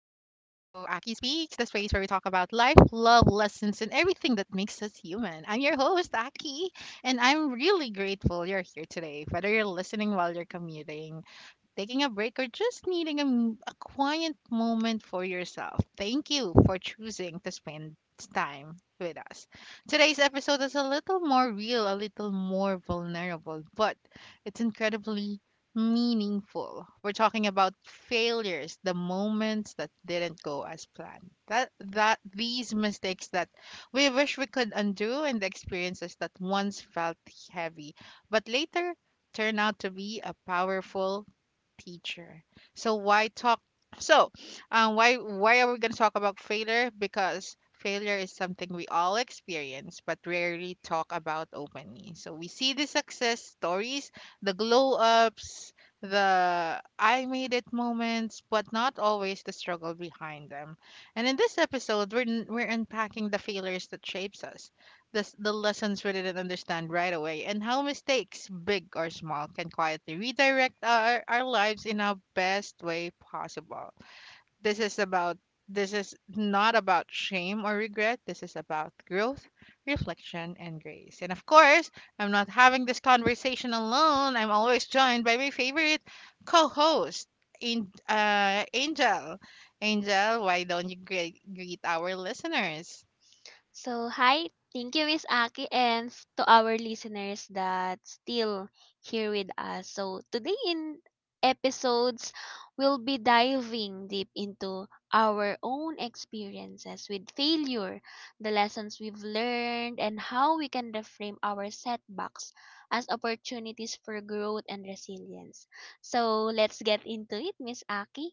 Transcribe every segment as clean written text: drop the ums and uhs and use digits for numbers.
Speaks, the space where we talk about life, love, lessons, and everything that makes us human. I'm your host, Aki, and I'm really grateful you're here today, whether you're listening while you're commuting, taking a break, or just needing a quiet moment for yourself. Thank you for choosing to spend time with us. Today's episode is a little more real, a little more vulnerable, but it's incredibly meaningful. We're talking about failures, the moments that didn't go as planned. That these mistakes that we wish we could undo and the experiences that once felt heavy, but later turn out to be a powerful teacher. So why talk? So why are we gonna talk about failure? Because failure is something we all experience, but rarely talk about openly. So we see the success stories, the glow ups, the I made it moments, but not always the struggle behind them. And in this episode, we're unpacking the failures that shapes us the lessons we didn't understand right away, and how mistakes, big or small, can quietly redirect our lives in our best way possible. This is about this is not about shame or regret. This is about growth, reflection, and grace. And of course, I'm not having this conversation alone. I'm always joined by my favorite co-host, Angel. Angel, why don't you greet our listeners? So, hi. Thank you, Miss Aki, and to our listeners that still here with us. So, today in episodes, we'll be diving deep into our own experiences with failure, the lessons we've learned, and how we can reframe our setbacks as opportunities for growth and resilience. So, let's get into it, Miss Aki.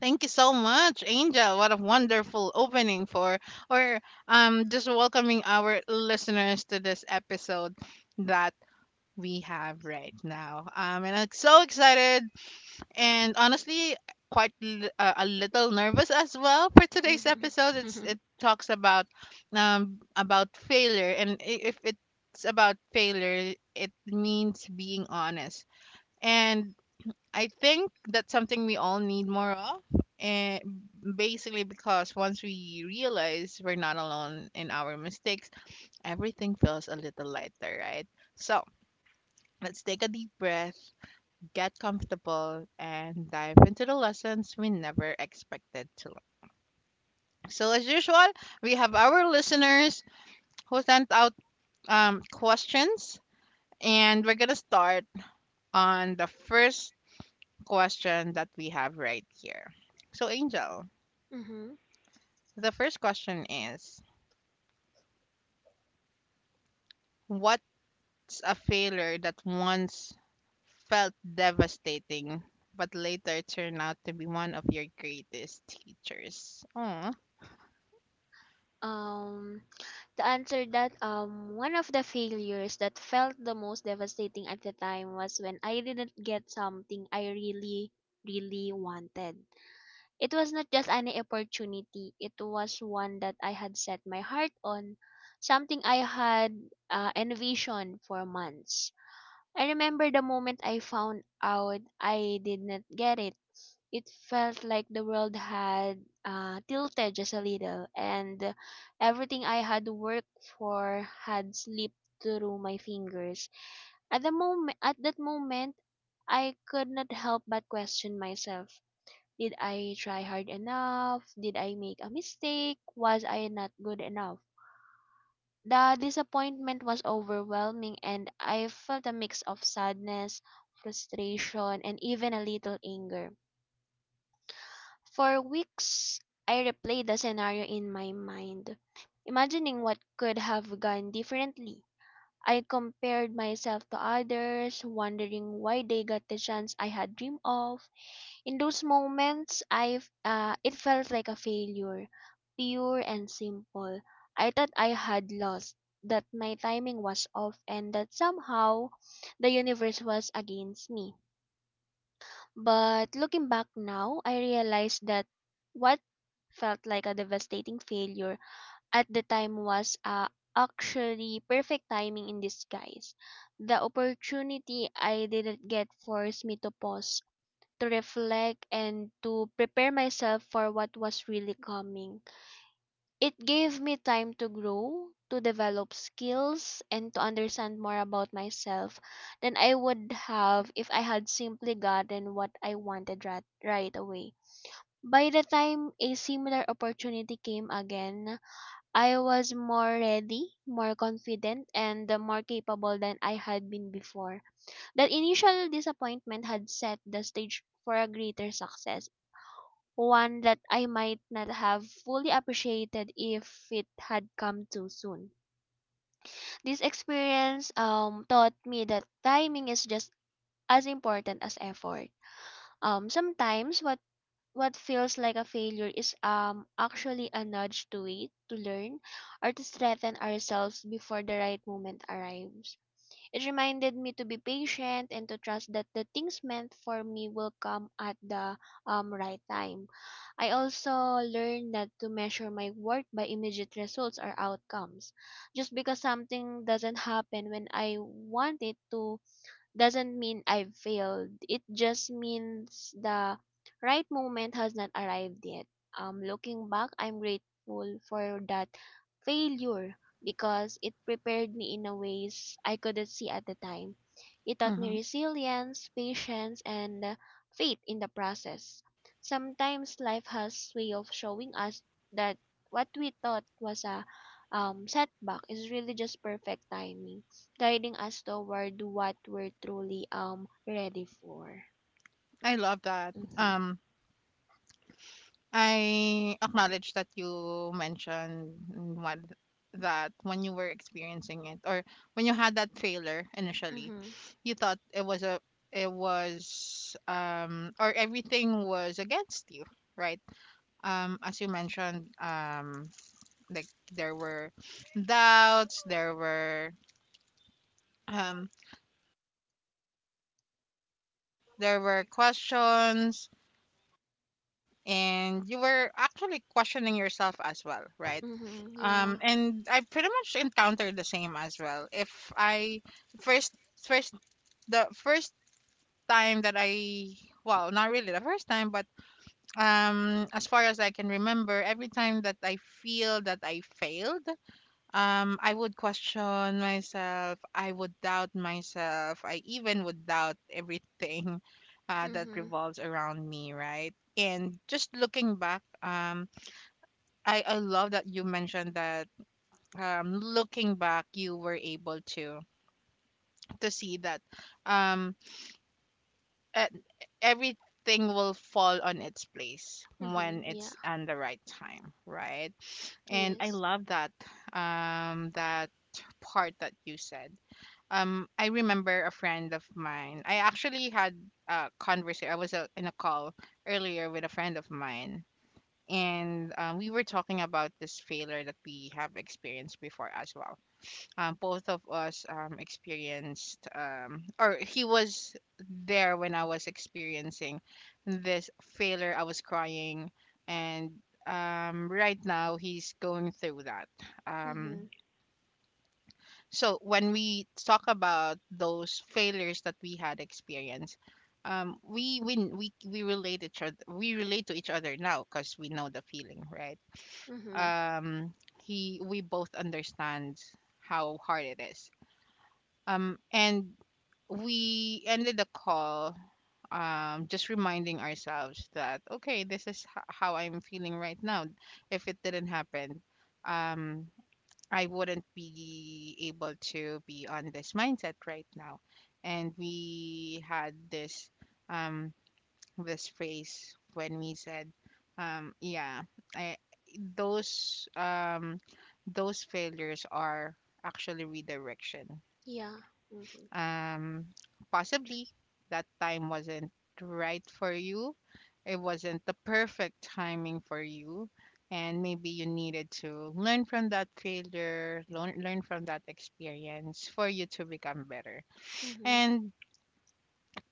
Thank you so much, Angel. What a wonderful opening for, or just welcoming our listeners to this episode that we have right now. And I'm so excited, and honestly, a little nervous as well for today's episode. It's Mm-hmm. it talks about failure, and if it's about failure, it means being honest, and I think that's something we all need more of. And basically, because once we realize we're not alone in our mistakes, everything feels a little lighter, right? So let's take a deep breath, get comfortable, and dive into the lessons we never expected to learn. So, as usual, we have our listeners who sent out questions, and we're going to start on the first question that we have right here. So, Angel. The first question is: what's a failure that once felt devastating but later turned out to be one of your greatest teachers? Oh, Um, to answer that, one of the failures that felt the most devastating at the time was when I didn't get something I really, really wanted. It was not just any opportunity, it was one that I had set my heart on, something I had envisioned for months. I remember the moment I found out I did not get it. It felt like the world had tilted just a little, and everything I had worked for had slipped through my fingers. At that moment, I could not help but question myself. Did I try hard enough? Did I make a mistake? Was I not good enough? The disappointment was overwhelming, and I felt a mix of sadness, frustration, and even a little anger. For weeks, I replayed the scenario in my mind, imagining what could have gone differently. I compared myself to others, wondering why they got the chance I had dreamed of. In those moments I it felt like a failure, pure and simple. I thought I had lost, that my timing was off and that somehow the universe was against me. But looking back now, I realized that what felt like a devastating failure at the time was actually perfect timing in disguise. The opportunity I didn't get forced me to pause to reflect and to prepare myself for what was really coming. It gave me time to grow, to develop skills, and to understand more about myself than I would have if I had simply gotten what I wanted right away. By the time a similar opportunity came again, I was more ready, more confident, and more capable than I had been before. That initial disappointment had set the stage for a greater success, one that I might not have fully appreciated if it had come too soon. This experience taught me that timing is just as important as effort. Sometimes what feels like a failure is actually a nudge to wait, to learn, or to strengthen ourselves before the right moment arrives. It reminded me to be patient and to trust that the things meant for me will come at the right time. I also learned not to measure my work by immediate results or outcomes. Just because something doesn't happen when I want it to doesn't mean I've failed. It just means the right moment has not arrived yet. Looking back, I'm grateful for that failure because it prepared me in a ways I couldn't see at the time. It taught mhm. me resilience, patience, and faith in the process. Sometimes life has way of showing us that what we thought was a setback is really just perfect timing guiding us toward what we're truly ready for. I love that. Mhm. I acknowledge that you mentioned what, that when you were experiencing it, or when you had that failure initially, Mhm. you thought it was a it was or everything was against you, right? As you mentioned, like there were doubts, um there were questions, and you were actually questioning yourself as well, right? Mhm. Yeah. And I pretty much encountered the same as well. If I first first the first time that I, well, not really the first time, but as far as I can remember, every time that I feel that I failed, I would question myself. I would doubt myself. I even would doubt everything that Mhm. revolves around me, right? And just looking back, I love that you mentioned that, looking back, you were able to see that, um, e- everything will fall on its place Mhm. when Yeah. it's on the right time, right? And I Yes. love that part that you said. I remember a friend of mine. I actually had a conversation. I was in a call earlier with a friend of mine, and we were talking about this failure that we have experienced before as well. Both of us experienced, or he was there when I was experiencing this failure. I was crying, and right now he's going through that. Um, Mhm. so when we talk about those failures that we had experienced, we relate each other, we relate to each other now, because we know the feeling, right? Mhm. um he we both understand how hard it is, and we ended the call, just reminding ourselves that okay, how I'm feeling right now, if it didn't happen, um I wouldn't be able to be on this mindset right now. And we had um this phrase when we said, yeah, I, those um those failures are actually redirection. Yeah. Mhm. um Possibly that time wasn't right for you, it wasn't the perfect timing for you, and maybe you needed to learn from that failure, learn from that experience, for you to become better. Mhm. And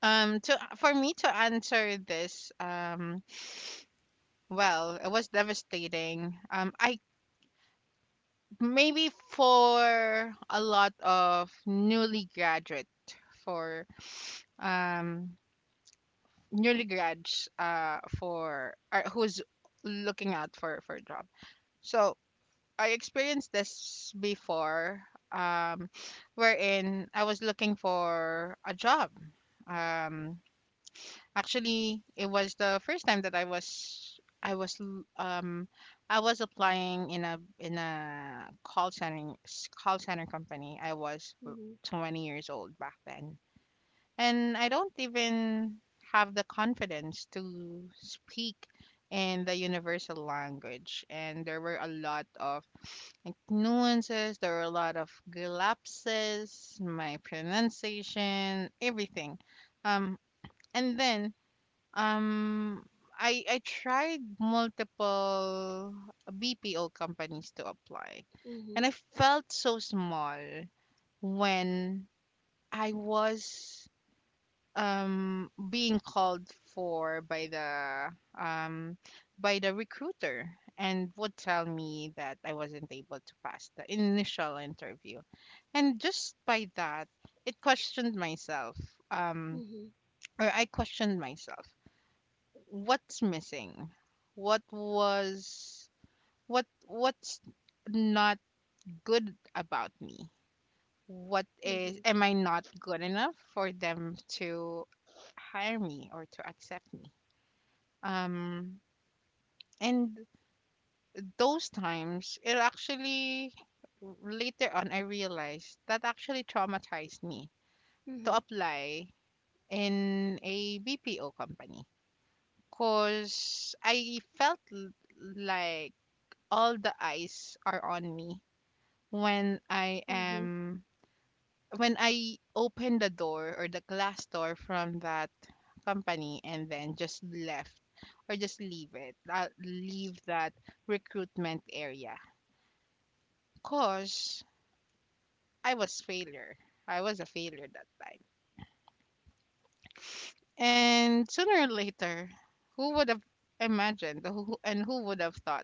to For me to answer this, well, it was devastating. I Maybe for a lot of newly graduate, for um newly grads, for or who's looking out for a job. So I experienced this before. um Wherein I was looking for a job. um Actually, it was the first time that i was l- um I was applying in a call center, call center company. 20 years old back then, and I don't even have the confidence to speak in the universal language. And there were a lot of like, nuances, there were a lot of lapses, my pronunciation, everything. Um, and then um, I tried multiple BPO companies to apply, Mhm. and I felt so small when I was being called for by the recruiter, and would tell me that I wasn't able to pass the initial interview. And just by that, it questioned myself. Um Mhm. or I questioned myself. What's missing? What was what what's not good about me? What is Mhm. Am I not good enough for them to hire me or to accept me? Um, and Those times, it actually, later on I realized that actually traumatized me to Mhm. apply in a BPO company, because I felt like all the eyes are on me when I Mhm. am when I opened the door or the glass door from that company, and then just left, or just leave it, leave that recruitment area, because I was failure. I was a failure that time. And sooner or later, who would have imagined, who would have thought,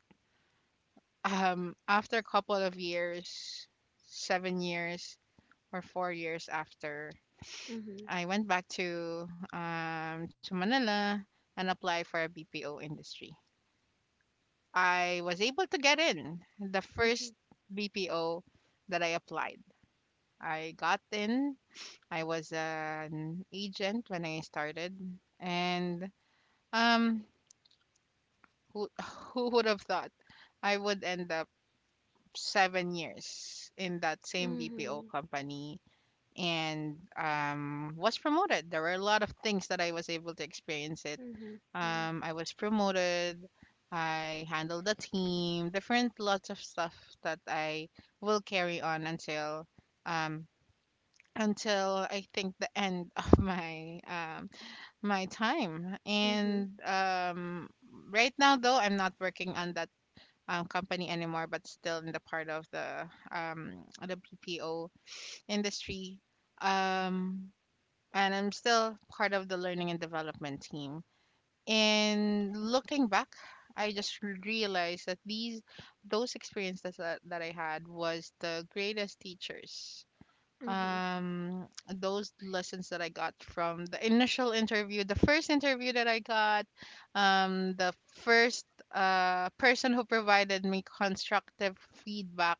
after a couple of years, 7 years or 4 years after, Mhm. I went back to Manila and applied for a BPO industry. I was able to get in the Mhm. first BPO that I applied. I got in. I was an agent when I started, and um, who, who would have thought I would end up 7 years in that Mhm. same BPO Mhm. company, and was promoted. There were a lot of things that I was able to experience it. Mhm. Yeah. I was promoted. I handled the team, different lots of stuff that I will carry on um, until I think the end of my time. Mhm. And right now, though, I'm not working on that company anymore, but still in the part of the BPO industry. Um, and I'm still part of the learning and development team. And looking back, I just realized that these those experiences that I had was the greatest teachers. Mhm. Um, those lessons that I got from the initial interview, the first interview that I got, the first person who provided me constructive feedback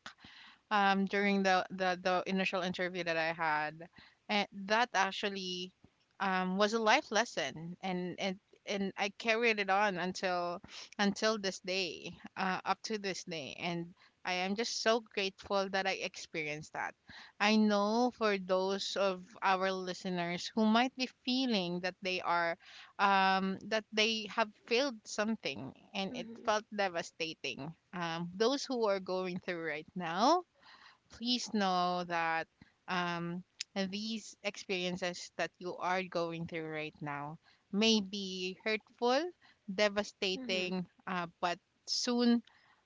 during the initial interview that I had, and that actually was a life lesson, and I carried it on until this day, up to this day, and I am just so grateful that I experienced that. I know for those of our listeners who might be feeling that they are that they have failed something and it Mhm. felt devastating. Those who are going through right now, please know that um, these experiences that you are going through right now may be hurtful, Mhm. devastating, but soon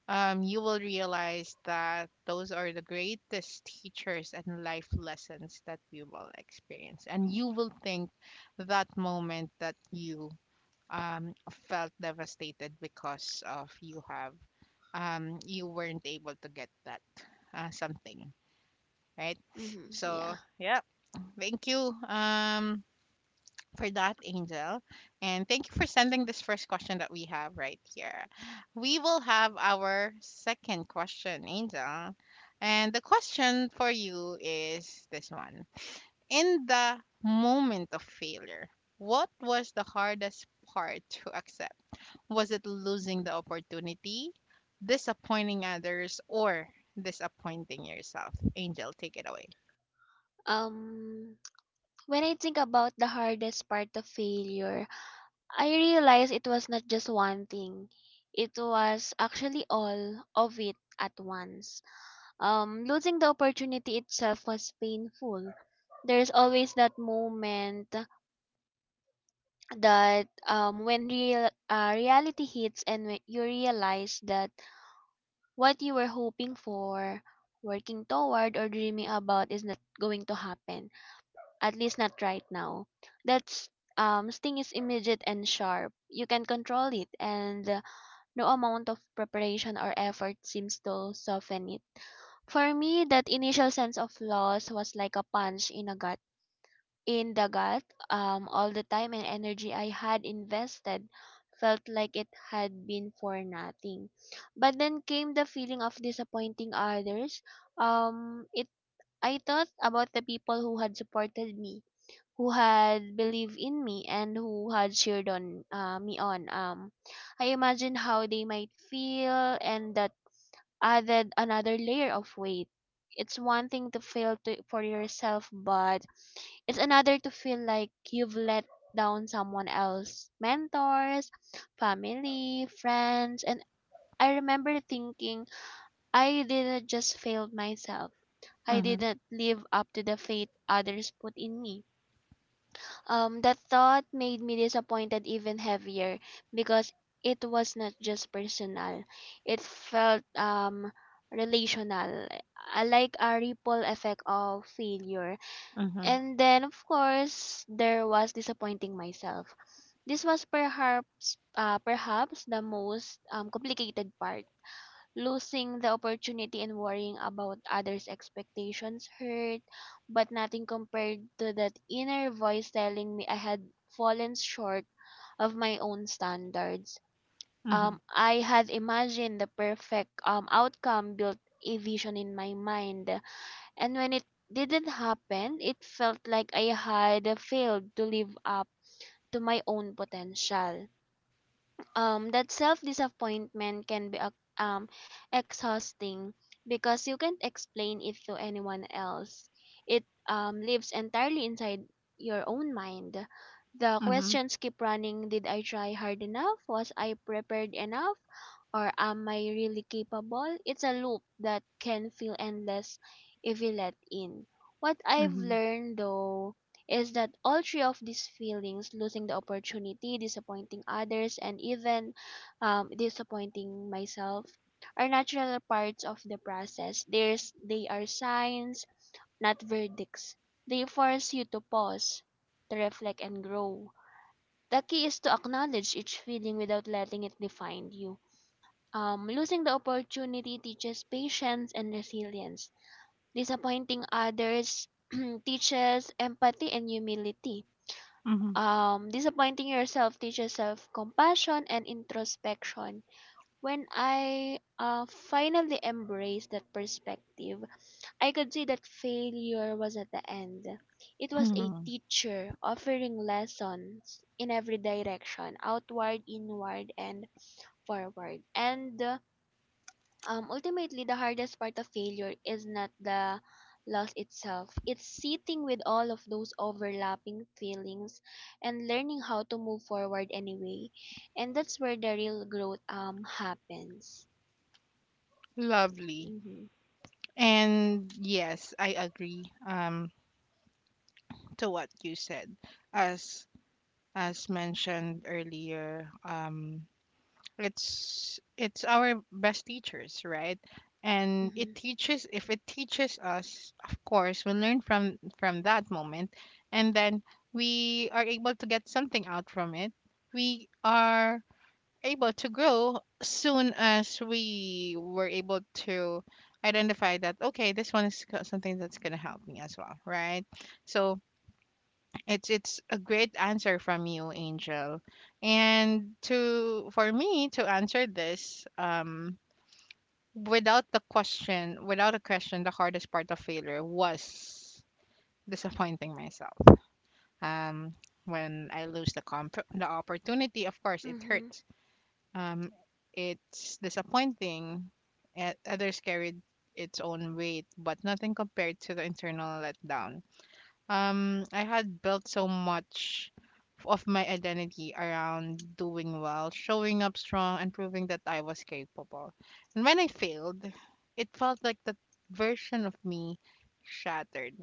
you will realize that those are the greatest teachers and life lessons that you will experience. And you will think that moment that you felt devastated because of you have you weren't able to get that something, right? Mhm. So Yeah. thank you for that, Angel. And thank you for sending this first question that we have right here. We will have our second question, Angel. And the question for you is this one. In the moment of failure, what was the hardest part to accept? Was it losing the opportunity, disappointing others, or disappointing yourself? Angel, take it away. Um. When I think about the hardest part of failure, I realized it was not just one thing. It was actually all of it at once. Losing the opportunity itself was painful. There's always that moment that when reality hits and when you realize that what you were hoping for, working toward, or dreaming about is not going to happen. At least not right now. That's sting is immediate and sharp. You can control it and no amount of preparation or effort seems to soften it. For me, that initial sense of loss was like a punch in a gut. In the gut, all the time and energy I had invested felt like it had been for nothing. But then came the feeling of disappointing others. It I thought about the people who had supported me, who had believed in me and who had cheered on me on. I imagined how they might feel, and that added another layer of weight. It's one thing to for yourself, but it's another to feel like you've let down someone else, mentors, family, friends, and I remember thinking I didn't just fail myself. I didn't live up to the faith others put in me. That thought made me disappointed even heavier because it was not just personal. It felt relational, like a ripple effect of failure. Mm-hmm. And then of course there was disappointing myself. This was perhaps the most complicated part. Losing the opportunity and worrying about others' expectations hurt, but nothing compared to that inner voice telling me I had fallen short of my own standards. Mhm, I had imagined the perfect outcome, built a vision in my mind, and when it didn't happen, it felt like I had failed to live up to my own potential. That self disappointment can be exhausting because you can't explain it to anyone else. It lives entirely inside your own mind. The mhm, questions keep running, did I try hard enough, was I prepared enough, or am I really capable? It's a loop that can feel endless if you let in. What I've mhm, learned though is that all three of these feelings, losing the opportunity, disappointing others, and even disappointing myself, are natural parts of the process. There's, they are signs, not verdicts. They force you to pause, to reflect, and grow. The key is to acknowledge each feeling without letting it define you. Losing the opportunity teaches patience and resilience. Disappointing others teaches empathy and humility. mhm, Disappointing yourself teaches self compassion and introspection. When I finally embraced that perspective, I could see that failure was at the end. It was a mhm. teacher offering lessons in every direction, outward, inward, and forward. And Ultimately, the hardest part of failure is not the loss itself, it's sitting with all of those overlapping feelings and learning how to move forward anyway. And that's where the real growth happens. Lovely. Mhm. And yes, I agree, to what you said. As as mentioned earlier, it's our best teachers, right? And it Mhm. teaches, if it teaches us, of course, we learn from that moment, and then we are able to get something out from it. We are able to grow soon as we were able to identify that, okay, this one is something that's going to help me as well, right? So it's a great answer from you, Angel. And to for me to answer this, without a question, the hardest part of failure was disappointing myself. Um, when I lose the comp the opportunity, of course it Mhm. hurts. Um, it's disappointing. Others carried its own weight, but nothing compared to the internal letdown. I had built so much of my identity around doing well, showing up strong, and proving that I was capable. And when I failed, it felt like that version of me shattered.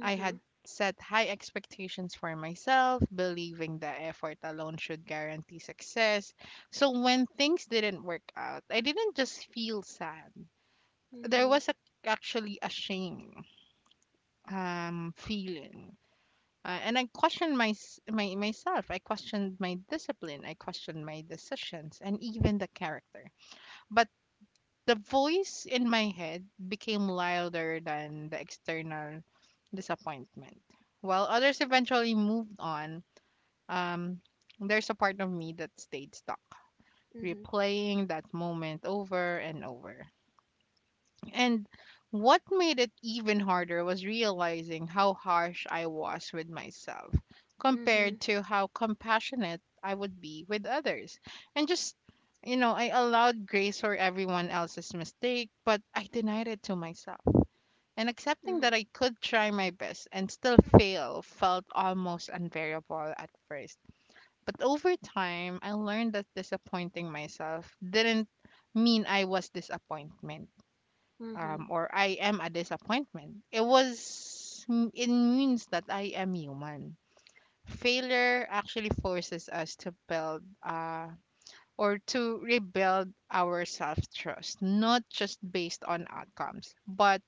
I had set high expectations for myself, believing that effort alone should guarantee success. So when things didn't work out, I didn't just feel sad. There Mhm. was a, actually a shame feeling, and I questioned my myself. I questioned my discipline. I questioned my decisions and even the character. But the voice in my head became louder than the external disappointment. While others eventually moved on, um, there's a part of me that stayed stuck, Mhm. replaying that moment over and over. And what made it even harder was realizing how harsh I was with myself compared to how compassionate I would be with others. And just, I allowed grace for everyone else's mistake, but I denied it to myself. And accepting that Mhm. I could try my best and still fail felt almost unbearable at first. But over time, I learned that disappointing myself didn't mean I was disappointment Mhm. Or I am a disappointment. It means that I am human. Failure actually forces us to build or to rebuild our self trust, not just based on outcomes, but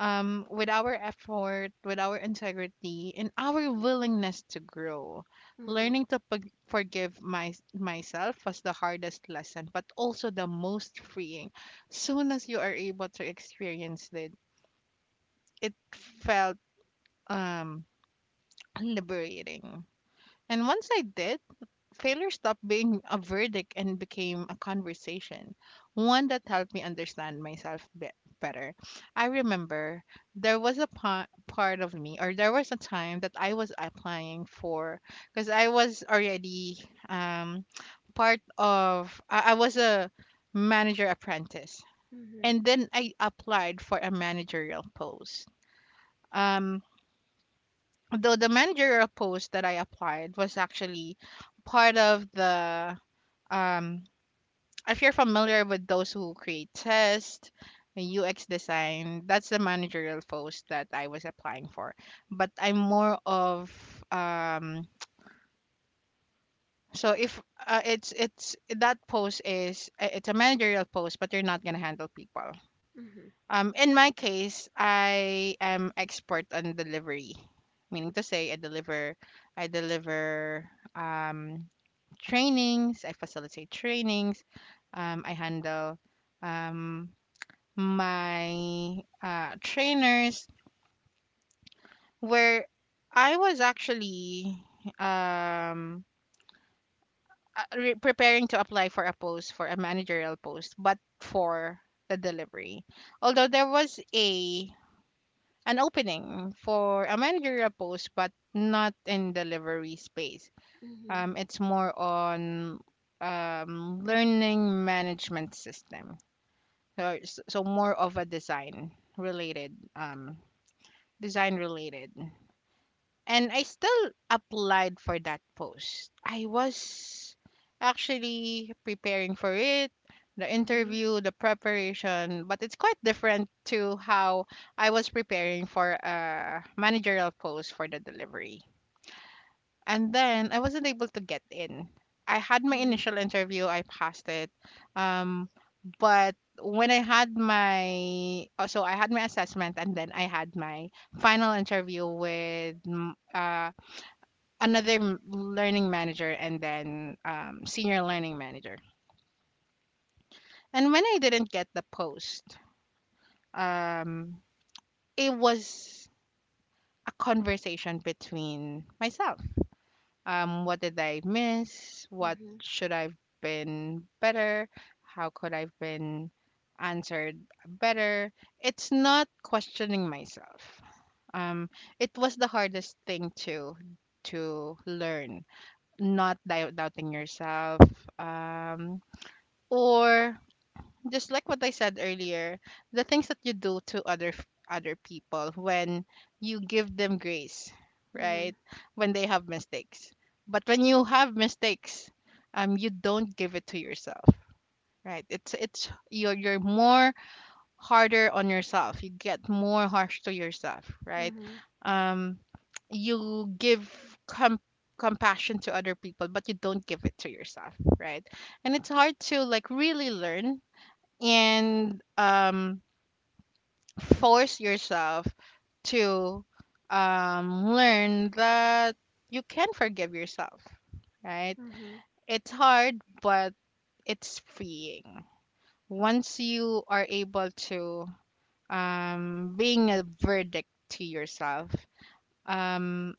with our effort, with our integrity, and our willingness to grow. Mhm. Learning to forgive myself was the hardest lesson, but also the most freeing. Soon as you are able to experience it, it felt, um, liberating. And once I did, failure stopped being a verdict and became a conversation, one that helped me understand myself better. I remember there was a part of me, or there was a time that I was applying for, because I was already, um, part of, I was a manager apprentice. Mhm. And then I applied for a managerial post. Um, though the managerial post that I applied was actually part of the, um if you're familiar with those who create test and UX design, that's the managerial post that I was applying for. But I'm more of, um if it's it's that post is, it's a managerial post, but you're not gonna handle people. In my case, I am expert on delivery, meaning to say I deliver, I deliver, um, trainings, I facilitate trainings, I handle, um, my trainers. Where I was actually, um, preparing to apply for a post for a managerial post, but for the delivery. Although there was a an opening for a managerial post, but not in delivery space. Mhm. It's more on, learning management system. So more of a design related, design related. And I still applied for that post. I was actually preparing for it, the Mhm. Mhm. interview, the preparation, but it's quite different to how I was preparing for a managerial post for the delivery. And then I wasn't able to get in. I had my initial interview, I passed it. Um, but when I had my I had my assessment and then I had my final interview with, another learning manager, and then, senior learning manager. And when I didn't get the post, um, it was a conversation between myself. What did I miss? What Mhm. should I've been better? How could I've been answered better? It's not questioning myself. Um, it was the hardest thing to learn, not doubting yourself, um or, just like what I said earlier, the things that you do to other other people when you give them grace, Mhm. Mhm. right? When they have mistakes. But when you have mistakes, you don't give it to yourself, right? It's you're more harder on yourself. You get more harsh to yourself, right? Mhm. Um you give, com- compassion to other people, but you don't give it to yourself, right? And it's hard to like really learn, and force yourself to, learn that you can forgive yourself, right? Mhm. Mhm. It's hard, but it's freeing. Once you are able to, being a verdict to yourself, um,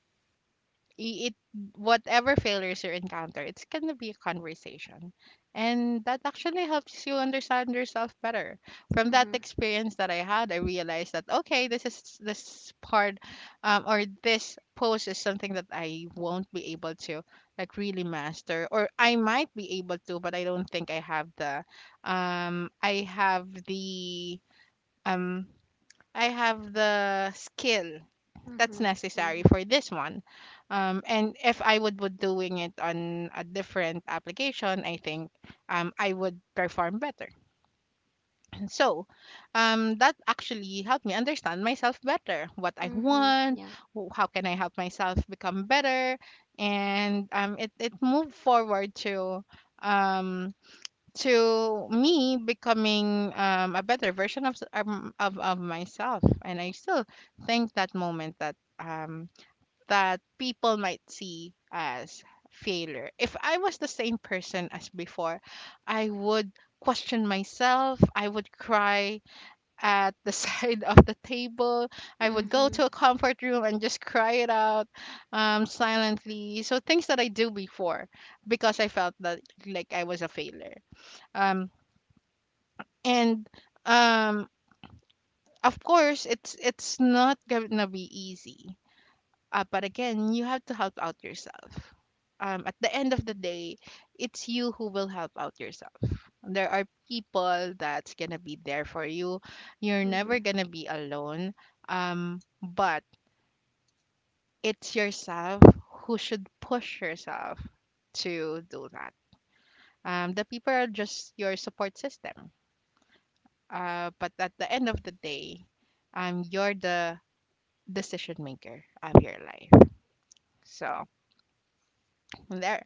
it, whatever failures you encounter, it's going to be a conversation, and that actually helps you understand yourself better. Mhm. From that Mhm. experience that I had, I realized that, okay, this part, or this pose, is something that I won't be able to like really master, or I might be able to, but I don't think I have the, um i have the um I have the skill that's Mhm. necessary Mhm. for this one. And if I would be doing it on a different application, I think, I would perform better. So, that actually helped me understand myself better, what I Mhm. want, Yeah. How can I help myself become better, and, it it moved forward to, um, to me becoming, a better version of, of myself, and I still think that moment that. That people might see as failure. If I was the same person as before, I would question myself, I would cry at the side of the table, I would go Mhm. to a comfort room and just cry it out, silently. So things that I do before, because I felt that like I was a failure. Um, and um, of course, it's not gonna be easy. But again, you have to help out yourself. At the end of the day, it's you who will help out yourself. There are people that's gonna be there for you. You're Mhm. never gonna be alone. But it's yourself who should push yourself to do that. The people are just your support system. But at the end of the day, you're the decision maker of your life. So there.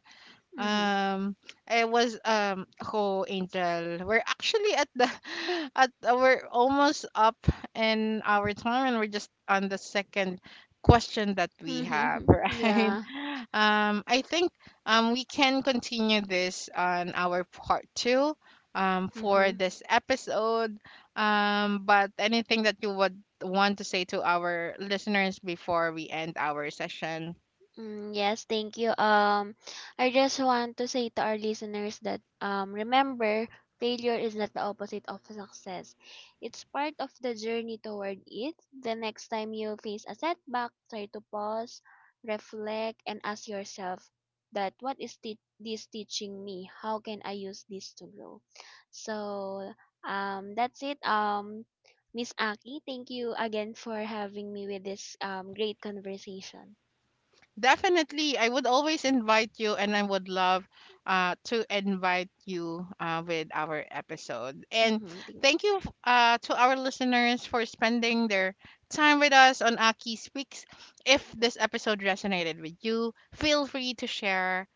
Mhm. Um, I was Ho Angel. We're actually at the at, we're almost up in our time, and we're just on the second question that we have, Mhm. right? Yeah. I think we can continue this on our part two, for Mhm. this episode. But anything that you would want to say to our listeners before we end our session? Mm, yes, thank you. I just want to say to our listeners that remember, failure is not the opposite of success. It's part of the journey toward it. The next time you face a setback, try to pause, reflect, and ask yourself that what is this teaching me? How can I use this to grow? So, that's it. Miss Aki, thank you again for having me with this great conversation. Definitely, I would always invite you, and I would love, to invite you, with our episode. And Hmm. Thank thank you, to our listeners for spending their time with us on Aki Speaks. If this episode resonated with you, feel free to share,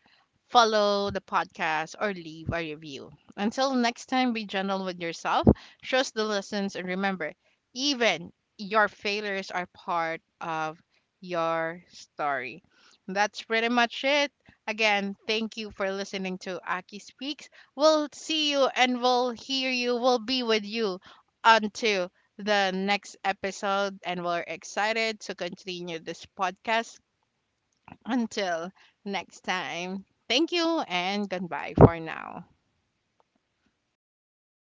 follow the podcast, or leave a review. Until next time, be gentle with yourself, trust the lessons, and remember, even your failures are part of your story. That's pretty much it. Again, thank you for listening to Aki Speaks. We'll see you and we'll hear you. We'll be with you until the next episode, and we're excited to continue this podcast until next time, thank you and goodbye for now.